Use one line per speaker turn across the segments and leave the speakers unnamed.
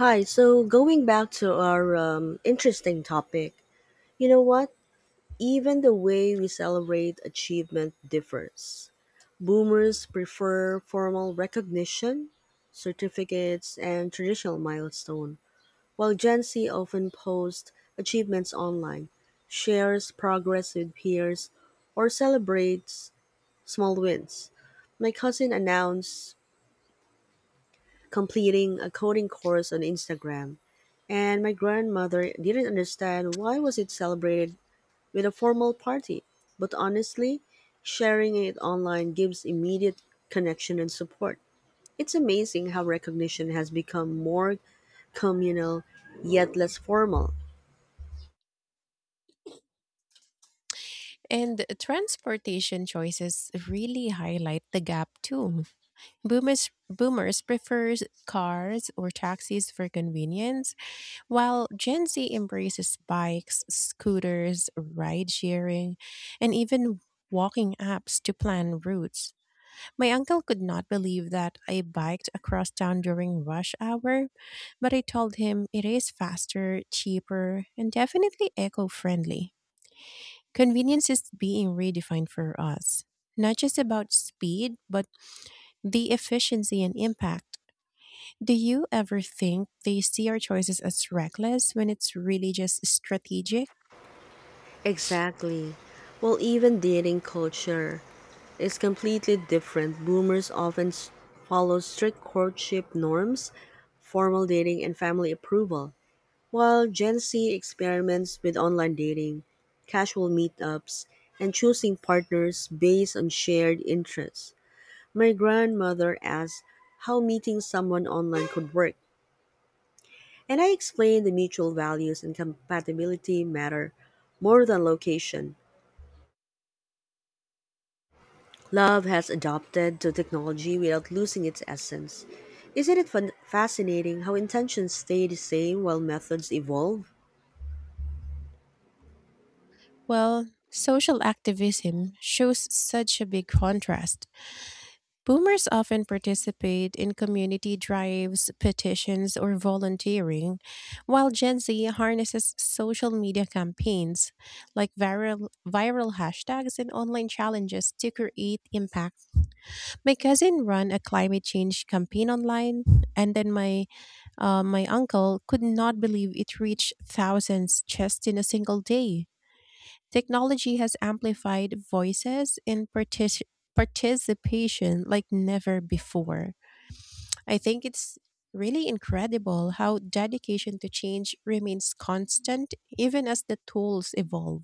Hi, so going back to our interesting topic, you know what? Even the way we celebrate achievement differs. Boomers prefer formal recognition, certificates, and traditional milestone, while Gen Z often posts achievements online, shares progress with peers, or celebrates small wins. My cousin announced completing a coding course on Instagram, and my grandmother didn't understand why was it celebrated with a formal party. But honestly, sharing it online gives immediate connection and support. It's amazing how recognition has become more communal yet less formal.
And transportation choices really highlight the gap too. Boomers prefers cars or taxis for convenience, while Gen Z embraces bikes, scooters, ride sharing, and even walking apps to plan routes. My uncle could not believe that I biked across town during rush hour, but I told him it is faster, cheaper, and definitely eco-friendly. Convenience is being redefined for us, not just about speed, but the efficiency and impact. Do you ever think they see our choices as reckless when it's really just strategic?
Exactly. Well, even dating culture is completely different. Boomers follow strict courtship norms, formal dating, and family approval. While Gen Z experiments with online dating, casual meetups, and choosing partners based on shared interests, my grandmother asked how meeting someone online could work. And I explained the mutual values and compatibility matter more than location. Love has adopted to technology without losing its essence. Isn't it fascinating how intentions stay the same while methods evolve?
Well, social activism shows such a big contrast. Boomers often participate in community drives, petitions, or volunteering, while Gen Z harnesses social media campaigns like viral hashtags and online challenges to create impact. My cousin ran a climate change campaign online, and then my uncle could not believe it reached thousands just in a single day. Technology has amplified voices and participation like never before. I think it's really incredible how dedication to change remains constant even as the tools evolve.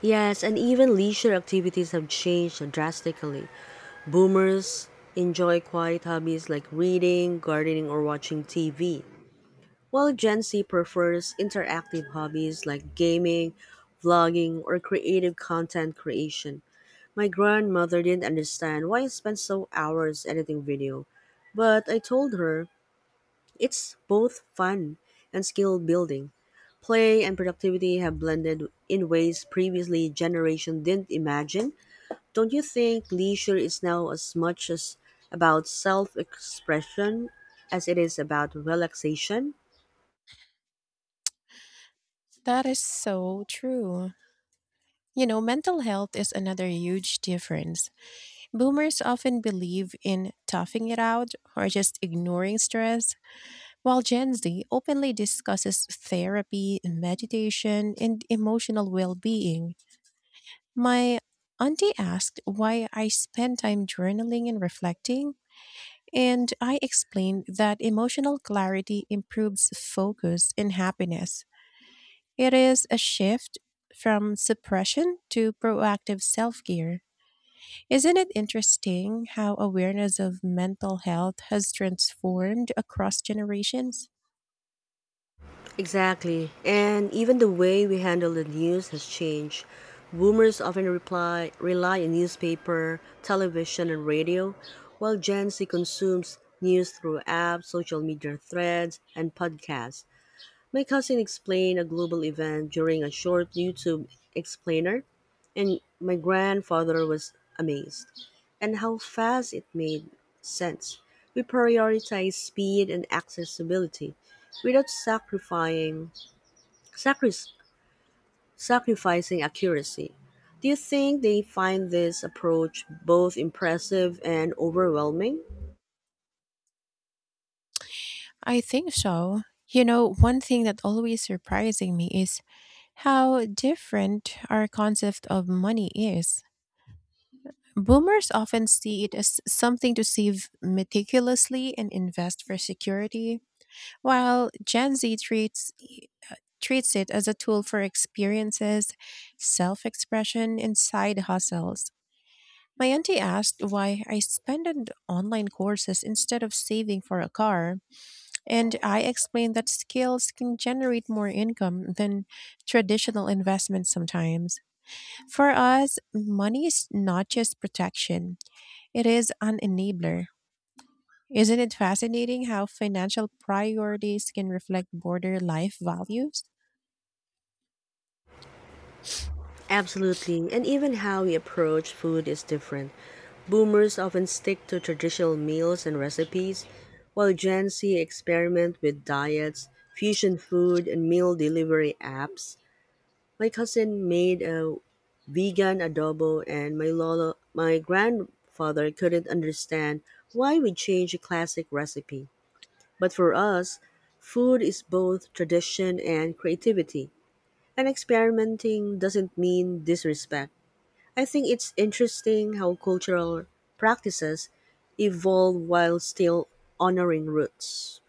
Yes, and even leisure activities have changed drastically. Boomers enjoy quiet hobbies like reading, gardening, or watching TV, while Gen Z prefers interactive hobbies like gaming, vlogging, or creative content creation. My grandmother didn't understand why I spent so hours editing video, but I told her it's both fun and skill building. Play and productivity have blended in ways previously generation didn't imagine. Don't you think leisure is now as much as about self expression as it is about relaxation?
That is so true. You know, mental health is another huge difference. Boomers often believe in toughing it out or just ignoring stress, while Gen Z openly discusses therapy, meditation, and emotional well being. My auntie asked why I spend time journaling and reflecting, and I explained that emotional clarity improves focus and happiness. It is a shift from suppression to proactive self care. Isn't it interesting how awareness of mental health has transformed across generations?
Exactly. And even the way we handle the news has changed. Boomers often reply, rely on newspaper, television, and radio, while Gen Z consumes news through apps, social media threads, and podcasts. My cousin explained a global event during a short YouTube explainer, and my grandfather was amazed. And how fast it made sense. We prioritize speed and accessibility without sacri- sacrificing accuracy. Do you think they find this approach both impressive and overwhelming?
I think so. You know, one thing that always surprising me is how different our concept of money is. Boomers often see it as something to save meticulously and invest for security, while Gen Z treats uh, treats it as a tool for experiences, self-expression, and side hustles. My auntie asked why I spend on online courses instead of saving for a car, and I explained that skills can generate more income than traditional investments sometimes. For us, money is not just protection. It is an enabler. Isn't it fascinating how financial priorities can reflect broader life values?
Absolutely, and even how we approach food is different. Boomers often stick to traditional meals and recipes, while Gen Z experiment with diets, fusion food, and meal delivery apps. My cousin made a vegan adobo, and my lolo, my grandfather couldn't understand why we changed a classic recipe. But for us, food is both tradition and creativity, and experimenting doesn't mean disrespect. I think it's interesting how cultural practices evolve while still honoring roots.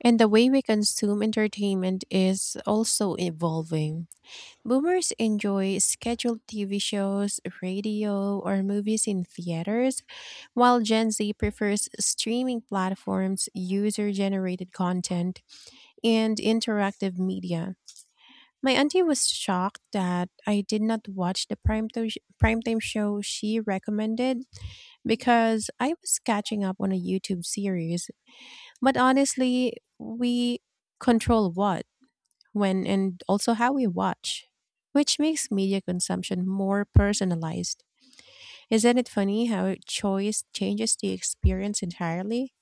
And the way we consume entertainment is also evolving. Boomers enjoy scheduled TV shows, radio, or movies in theaters, while Gen Z prefers streaming platforms, user generated content, and interactive media. My auntie was shocked that I did not watch the primetime show she recommended because I was catching up on a YouTube series. But honestly, we control what, when, and also how we watch, which makes media consumption more personalized. Isn't it funny how choice changes the experience entirely?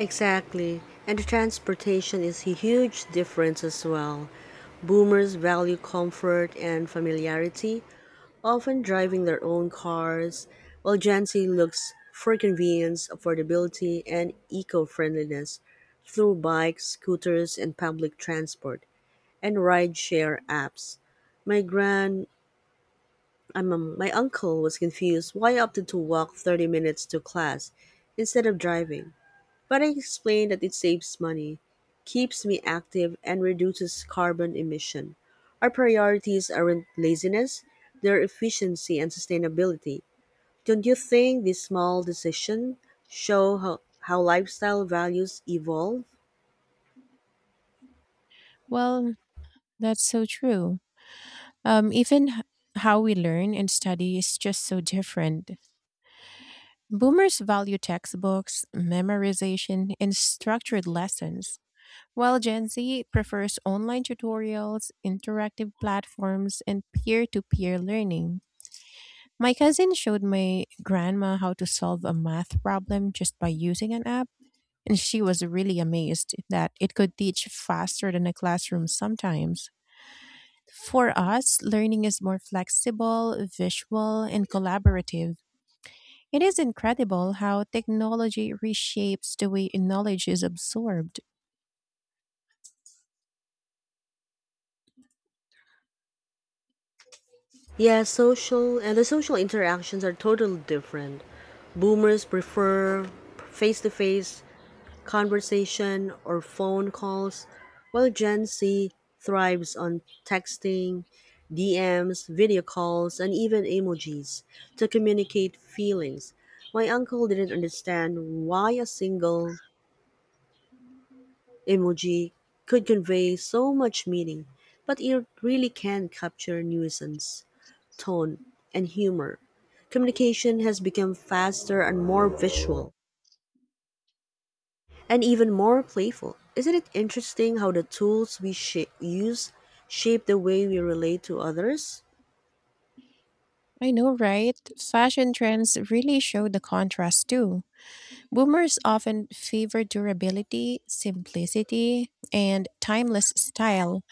Exactly. And transportation is a huge difference as well. Boomers value comfort and familiarity, often driving their own cars, while Gen Z looks for convenience, affordability, and eco friendliness through bikes, scooters, and public transport, and rideshare apps. My grand my uncle was confused why I opted to walk 30 minutes to class instead of driving, but I explained that it saves money, keeps me active, and reduces carbon emission. Our priorities aren't laziness, they're efficiency and sustainability. Don't you think these small decisions show how lifestyle values evolve?
Well, that's so true. Um, even h- how we learn and study is just so different. Boomers value textbooks, memorization, and structured lessons. While Gen Z prefers online tutorials, interactive platforms, and peer to peer learning, my cousin showed my grandma how to solve a math problem just by using an app, and she was really amazed that it could teach faster than a classroom sometimes. For us, learning is more flexible, visual, and collaborative. It is incredible how technology reshapes the way knowledge is absorbed.
Yeah, social and the social interactions are totally different. Boomers prefer face to face conversation, or phone calls, while Gen Z thrives on texting, DMs, video calls, and even emojis to communicate feelings. My uncle didn't understand why a single emoji could convey so much meaning, but it really can capture nuisance, tone, and humor. Communication has become faster and more visual and even more playful. Isn't it interesting how the tools use shape the way we relate to others?
I know, right? Fashion trends really show the contrast too. Boomers often favor durability, simplicity, and timeless style,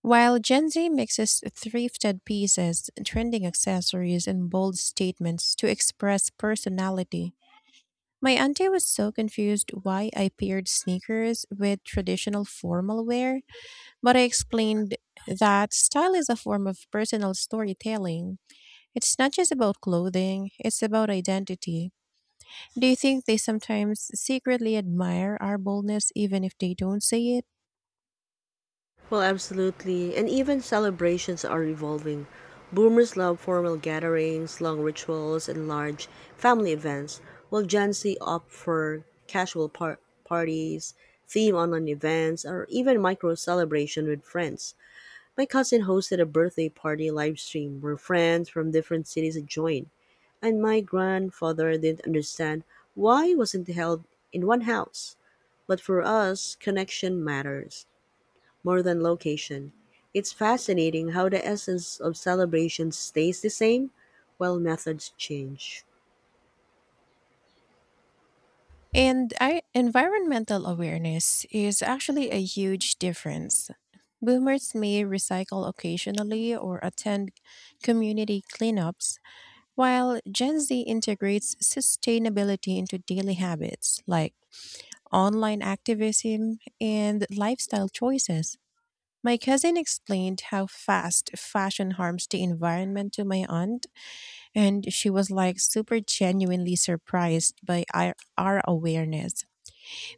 while Gen Z mixes thrifted pieces, trending accessories, and bold statements to express personality. My auntie was so confused why I paired sneakers with traditional formal wear, but I explained that style is a form of personal storytelling. It's not just about clothing, it's about identity. Do you think they sometimes secretly admire our boldness even if they don't say it?
Well, absolutely. And even celebrations are evolving. Boomers love formal gatherings, long rituals, and large family events, while Gen Z opt for parties, theme online events, or even micro celebration with friends. My cousin hosted a birthday party live stream where friends from different cities joined, and my grandfather didn't understand why it wasn't held in one house. But for us, connection matters more than location. It's fascinating how the essence of celebration stays the same while methods change.
Environmental awareness is actually a huge difference. Boomers may recycle occasionally or attend community cleanups, while Gen Z integrates sustainability into daily habits like online activism and lifestyle choices. My cousin explained how fast fashion harms the environment to my aunt, and she was like super genuinely surprised by our awareness.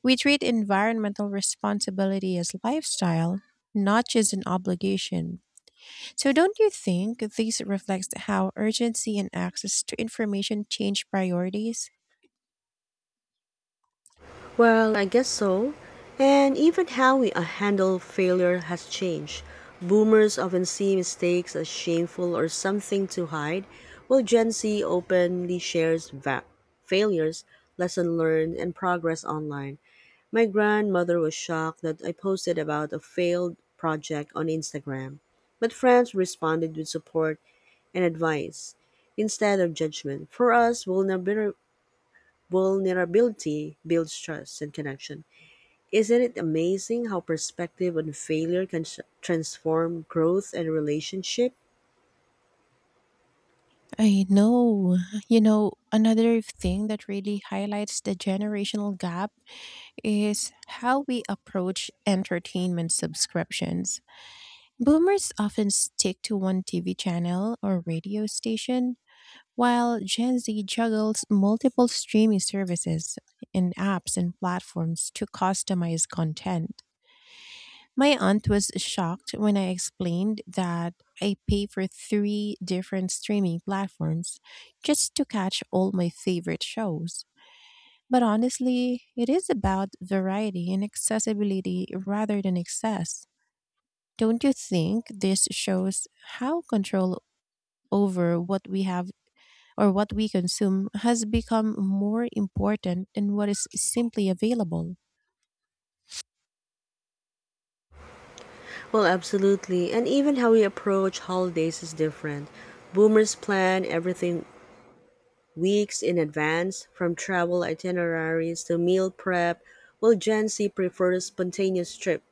We treat environmental responsibility as lifestyle, not just an obligation. So, don't you think this reflects how urgency and access to information change priorities?
Well, I guess so. And even how we handle failure has changed. Boomers often see mistakes as shameful or something to hide, while Gen Z openly shares failures, lesson learned, and progress online. My grandmother was shocked that I posted about a failed project on Instagram, but friends responded with support and advice instead of judgment. For us, vulnerability builds trust and connection. Isn't it amazing how perspective on failure can transform growth and relationship?
I know. You know, another thing that really highlights the generational gap is how we approach entertainment subscriptions. Boomers often stick to one TV channel or radio station, while Gen Z juggles multiple streaming services and apps and platforms to customize content. My aunt was shocked when I explained that I pay for three different streaming platforms just to catch all my favorite shows. But honestly, it is about variety and accessibility rather than excess. Don't you think this shows how control over what we have or what we consume has become more important than what is simply available?
Well, absolutely. And even how we approach holidays is different. Boomers plan everything weeks in advance, from travel itineraries to meal prep, while Gen Z prefers spontaneous trips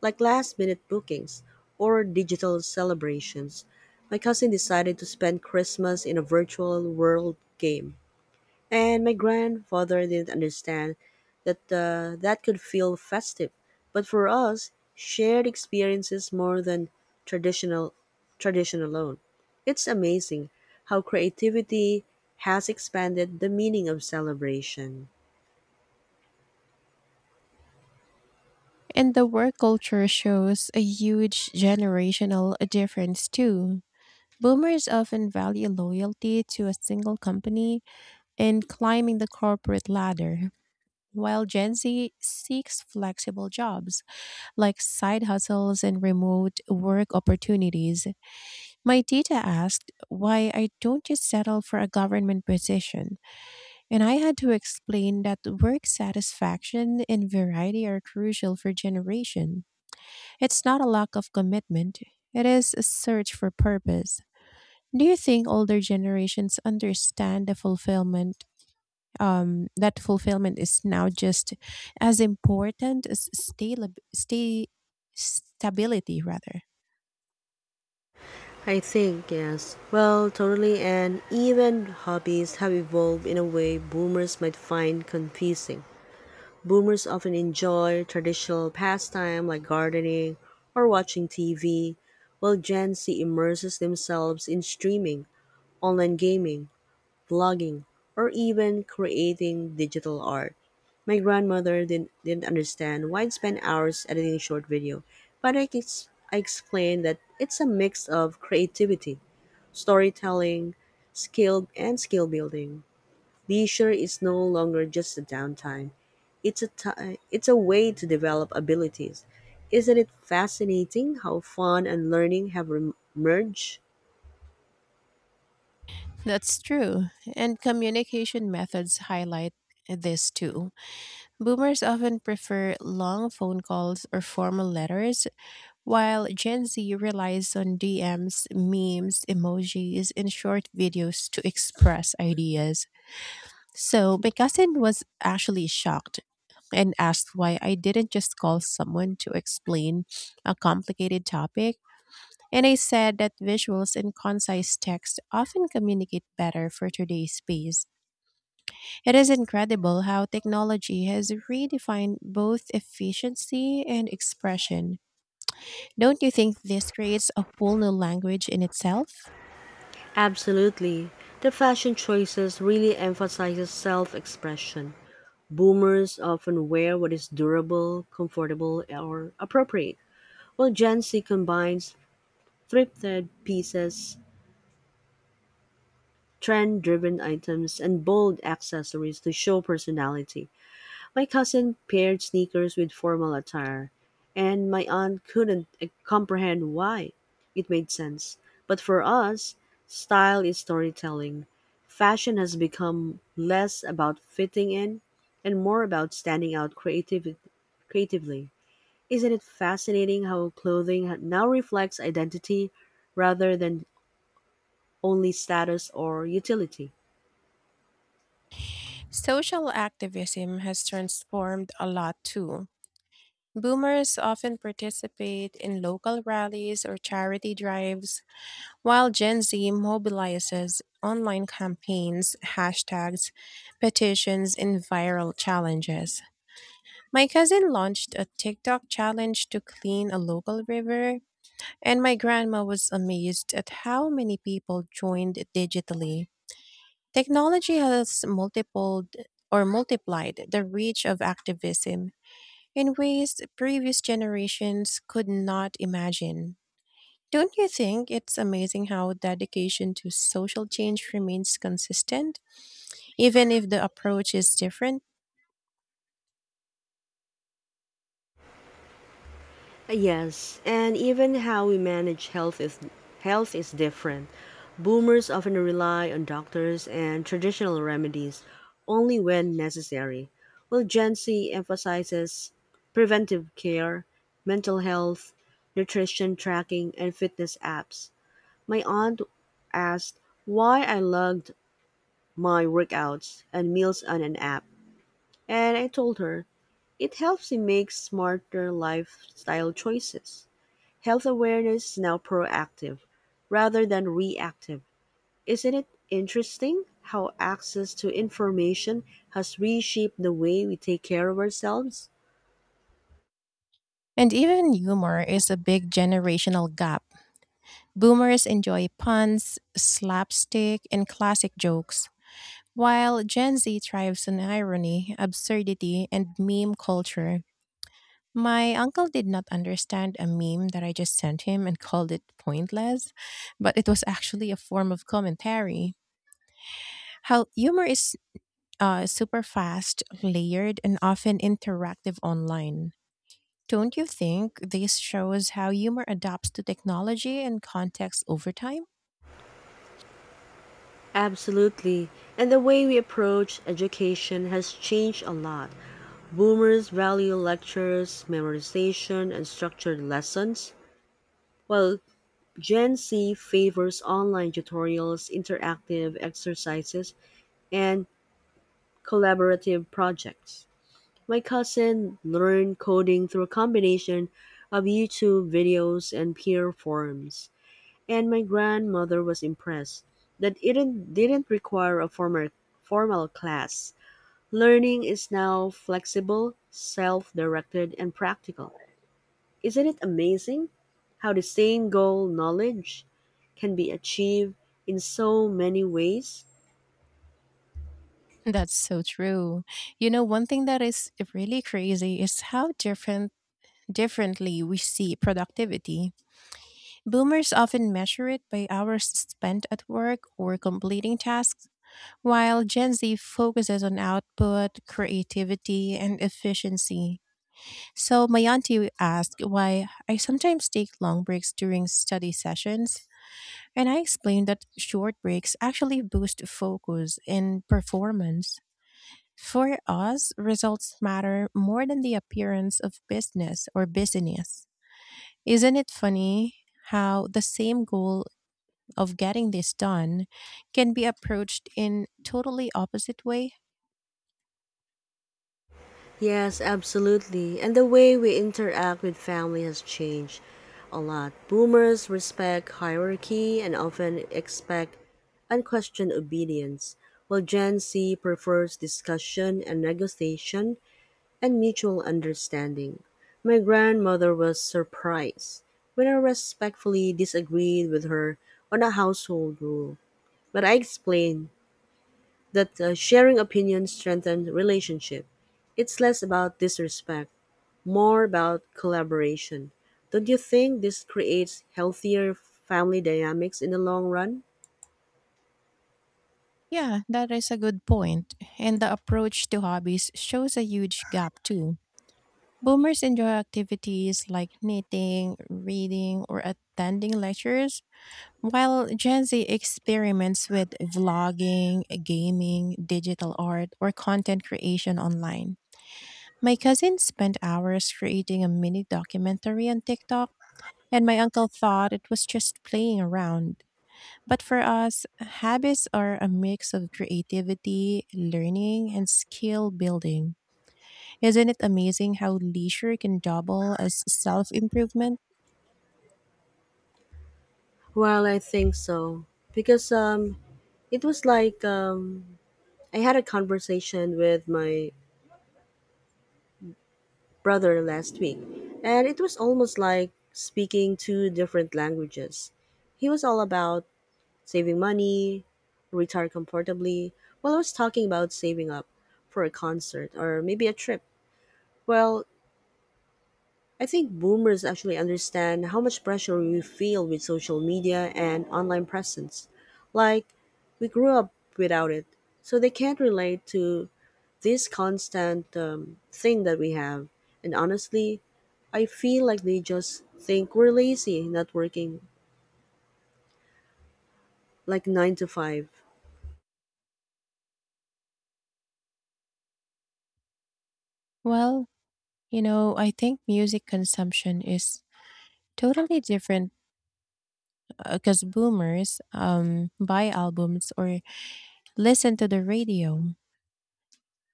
like last minute bookings or digital celebrations. My cousin decided to spend Christmas in a virtual world game, and my grandfather didn't understand that could feel festive. But for us, shared experiences more than traditional tradition alone. It's amazing how creativity has expanded the meaning of celebration.
And the work culture shows a huge generational difference too. Boomers often value loyalty to a single company and climbing the corporate ladder, while Gen Z seeks flexible jobs like side hustles and remote work opportunities. My tita asked why I don't just settle for a government position, and I had to explain that work satisfaction and variety are crucial for generation. It's not a lack of commitment, it is a search for purpose. Do you think older generations understand the fulfillment that fulfillment is now just as important as stay, stability rather.
I think, yes. Well, totally, and even hobbies have evolved in a way boomers might find confusing. Boomers often enjoy traditional pastime like gardening or watching TV, while Gen Z immerses themselves in streaming, online gaming, vlogging, or even creating digital art. My grandmother didn't understand why I'd spend hours editing short video, but I explained that it's a mix of creativity, storytelling, skill, and skill building. Leisure is no longer just a downtime. It's a way to develop abilities. Isn't it fascinating how fun and learning have merged?
That's true. And communication methods highlight this too. Boomers often prefer long phone calls or formal letters. While Gen Z relies on DMs, memes, emojis, and short videos to express ideas. So my cousin was actually shocked and asked why I didn't just call someone to explain a complicated topic. And I said that visuals and concise text often communicate better for today's space. It is incredible how technology has redefined both efficiency and expression. Don't you think this creates a whole new language in itself?
Absolutely. The fashion choices really emphasizes self-expression. Boomers often wear what is durable, comfortable, or appropriate, while Gen Z combines thrifted pieces, trend-driven items, and bold accessories to show personality. My cousin paired sneakers with formal attire, and my aunt couldn't comprehend why. It made sense. But for us, style is storytelling. Fashion has become less about fitting in and more about standing out creatively. Isn't it fascinating how clothing now reflects identity rather than only status or utility?
Social activism has transformed a lot too. Boomers often participate in local rallies or charity drives, while Gen Z mobilizes online campaigns, hashtags, petitions, and viral challenges. My cousin launched a TikTok challenge to clean a local river, and my grandma was amazed at how many people joined digitally. Technology has multipled or multiplied the reach of activism in ways previous generations could not imagine. Don't you think it's amazing how dedication to social change remains consistent, even if the approach is different?
Yes, and even how we manage health is different. Boomers often rely on doctors and traditional remedies only when necessary, while Gen Z emphasizes preventive care, mental health, nutrition tracking, and fitness apps. My aunt asked why I logged my workouts and meals on an app, and I told her it helps me make smarter lifestyle choices. Health awareness is now proactive rather than reactive. Isn't it interesting how access to information has reshaped the way we take care of ourselves?
And even humor is a big generational gap. Boomers enjoy puns, slapstick, and classic jokes, while Gen Z thrives on irony, absurdity, and meme culture. My uncle did not understand a meme that I just sent him and called it pointless, but it was actually a form of commentary. How humor is super fast, layered, and often interactive online. Don't you think this shows how humor adapts to technology and context over time?
Absolutely. And the way we approach education has changed a lot. Boomers value lectures, memorization, and structured lessons, while Gen Z favors online tutorials, interactive exercises, and collaborative projects. My cousin learned coding through a combination of YouTube videos and peer forums, and my grandmother was impressed that it didn't require a formal class. Learning is now flexible, self directed, and practical. Isn't it amazing how the same goal, knowledge, can be achieved in so many ways?
That's so true. You know, one thing that is really crazy is how differently we see productivity. Boomers often measure it by hours spent at work or completing tasks, while Gen Z focuses on output, creativity, and efficiency. So, my auntie asked why I sometimes take long breaks during study sessions, and I explained that short breaks actually boost focus and performance. For us, results matter more than the appearance of business or busyness. Isn't it funny how the same goal of getting this done can be approached in totally opposite way?
Yes, absolutely. And the way we interact with family has changed a lot. Boomers respect hierarchy and often expect unquestioned obedience, while Gen Z prefers discussion and negotiation and mutual understanding. My grandmother was surprised when I respectfully disagreed with her on a household rule, but I explained that sharing opinions strengthens relationship. It's less about disrespect more about collaboration. Don't you think this creates healthier family dynamics in the long run?
Yeah, that is a good point. And the approach to hobbies shows a huge gap too. Boomers enjoy activities like knitting, reading, or attending lectures, while Gen Z experiments with vlogging, gaming, digital art, or content creation online. My cousin spent hours creating a mini documentary on TikTok. And my uncle thought it was just playing around. But for us, habits are a mix of creativity, learning, and skill building. Isn't it amazing how leisure can double as self improvement?
Well, I think so because it was like I had a conversation with my brother last week, and it was almost like speaking two different languages. He was all about saving money, retire comfortably, while I was talking about saving up for a concert or maybe a trip. Well, I think boomers actually understand how much pressure we feel with social media and online presence. Like, we grew up without it, so they can't relate to this constant thing that we have. And honestly, I feel like they just think we're lazy, not working like 9 to 5.
Well, you know, I think music consumption is totally different because boomers buy albums or listen to the radio,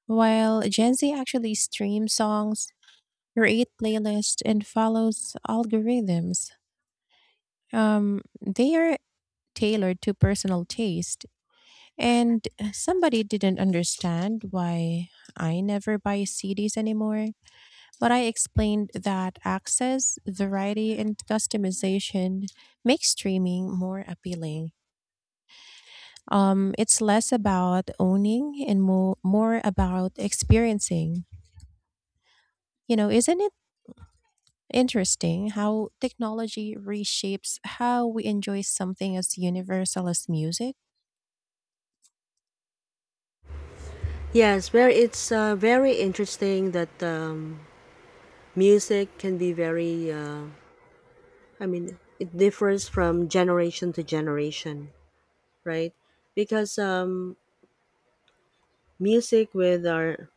while Gen Z actually streams songs, create playlists, and follows algorithms. They are tailored to personal taste. And somebody didn't understand why I never buy CDs anymore. But I explained that access, variety, and customization make streaming more appealing. It's less about owning and more about experiencing. You know, isn't it interesting how technology reshapes how we enjoy something as universal as music?
Yes, where it's very interesting that music can be very, it differs from generation to generation. Right? Because music with our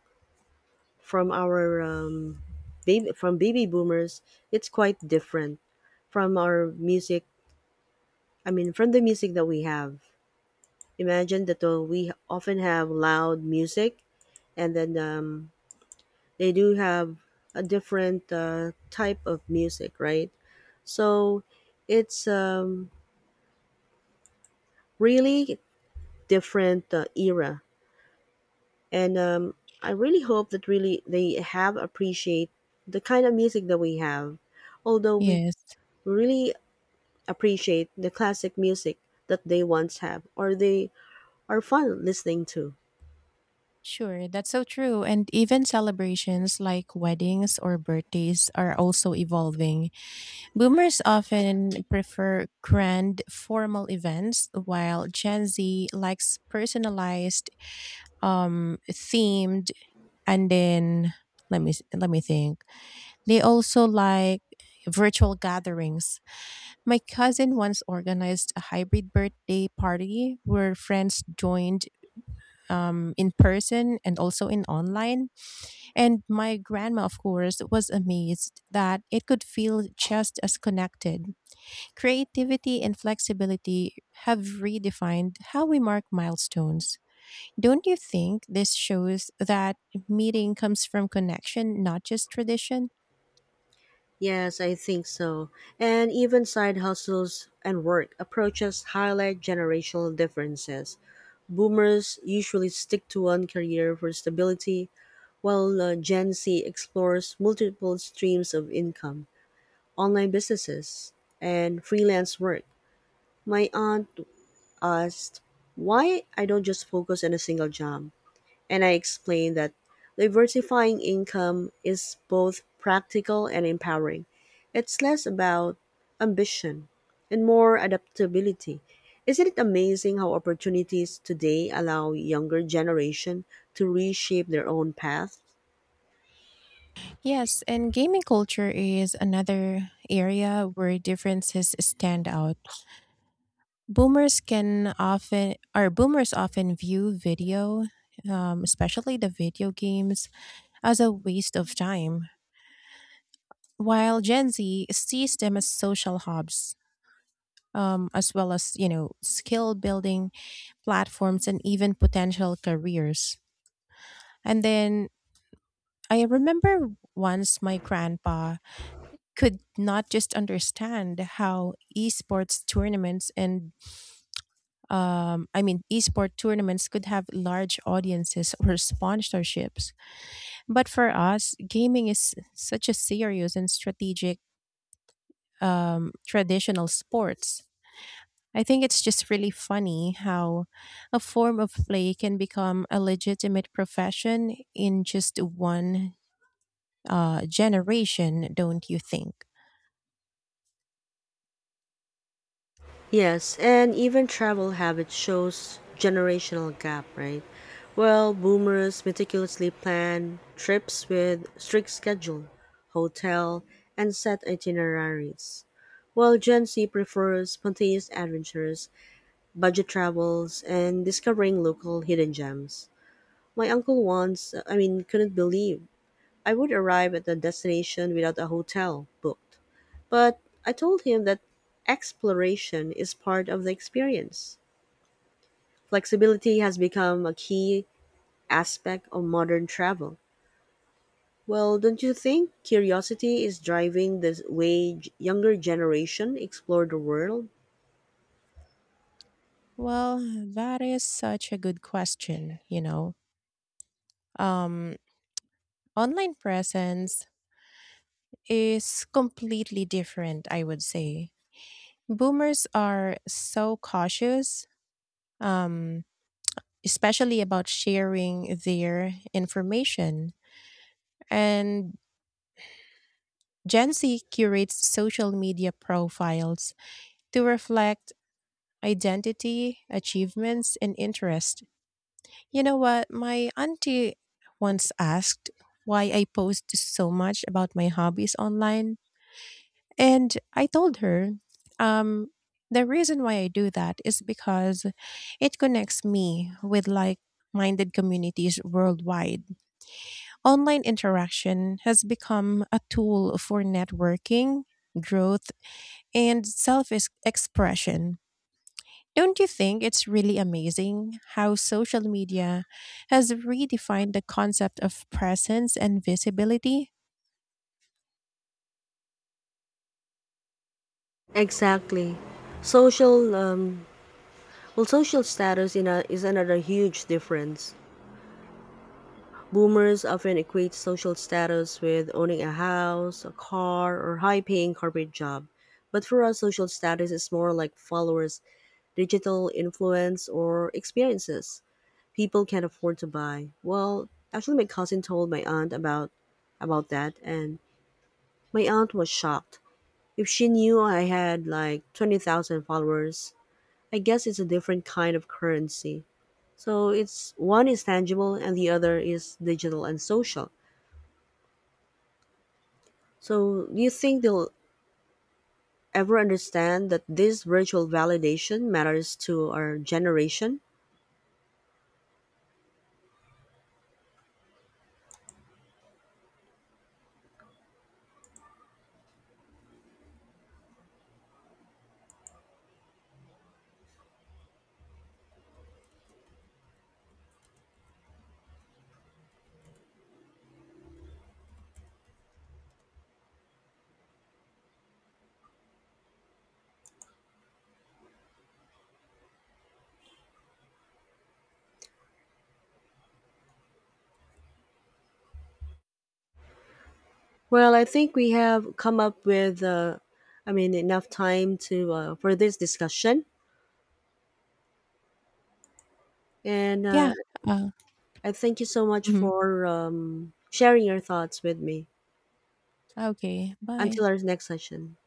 from our baby from baby boomers, it's quite different from our music. I mean, from the music that we have. Imagine that we often have loud music, and then they do have a different type of music, right? So it's really different era and I really hope that really they have appreciate the kind of music that we have. Although we
Yes.
really appreciate the classic music that they once have, or they are fun listening to.
Sure, that's so true. And even celebrations like weddings or birthdays are also evolving. Boomers often prefer grand formal events, while Gen Z likes personalized, themed, and then let me think. They also like virtual gatherings. My cousin once organized a hybrid birthday party where friends joined in person and also in online. And my grandma, of course, was amazed that it could feel just as connected. Creativity and flexibility have redefined how we mark milestones. Don't you think this shows that meeting comes from connection, not just tradition?
Yes, I think so. And even side hustles and work approaches highlight generational differences. Boomers usually stick to one career for stability, while Gen Z explores multiple streams of income. Online businesses and freelance work, my aunt asked why I don't just focus on a single job. And I explained that diversifying income is both practical and empowering. It's less about ambition and more adaptability. Isn't it amazing how opportunities today allow younger generation to reshape their own path?
Yes, and gaming culture is another area where differences stand out. Boomers often view especially the video games as a waste of time, while Gen Z sees them as social hubs, as well as, you know, skill building platforms and even potential careers. And then I remember once my grandpa could not just understand how esports tournaments and I mean, esport tournaments could have large audiences or sponsorships. But for us, gaming is such a serious and strategic traditional sports. I think it's just really funny how a form of play can become a legitimate profession in just one generation, don't you think?
Yes, and even travel habit shows generational gap, right? Well, boomers meticulously plan trips with strict schedule, hotel, and set itineraries. While Gen Z prefers spontaneous adventures, budget travels, and discovering local hidden gems. My uncle couldn't believe I would arrive at the destination without a hotel booked. But I told him that exploration is part of the experience. Flexibility has become a key aspect of modern travel. Well, don't you think curiosity is driving the way younger generation explore the world?
Well, that is such a good question, you know. Um, online presence is completely different, I would say. Boomers are so cautious, um, especially about sharing their information. And Gen Z curates social media profiles to reflect identity, achievements, and interest. You know what? My auntie once asked why I post so much about my hobbies online. And I told her, um, the reason why I do that is because it connects me with like minded communities worldwide. Online interaction has become a tool for networking, growth, and self expression. Don't you think it's really amazing how social media has redefined the concept of presence and visibility?
Exactly. Social um, social status is another huge difference. Boomers often equate social status with owning a house, a car, or high-paying corporate job. But for us, social status is more like followers, digital influence, or experiences people can't afford to buy. Well, actually, my cousin told my aunt about that, and my aunt was shocked. If she knew I had like 20,000 followers, I guess it's a different kind of currency. So it's one is tangible, and the other is digital and social. So do you think they'll ever understand that this virtual validation matters to our generation? Well, I think we have come up with, enough time to for this discussion. And
Yeah. Uh,
I thank you so much
mhm.
for sharing your thoughts with me.
Okay. Bye.
Until our next session.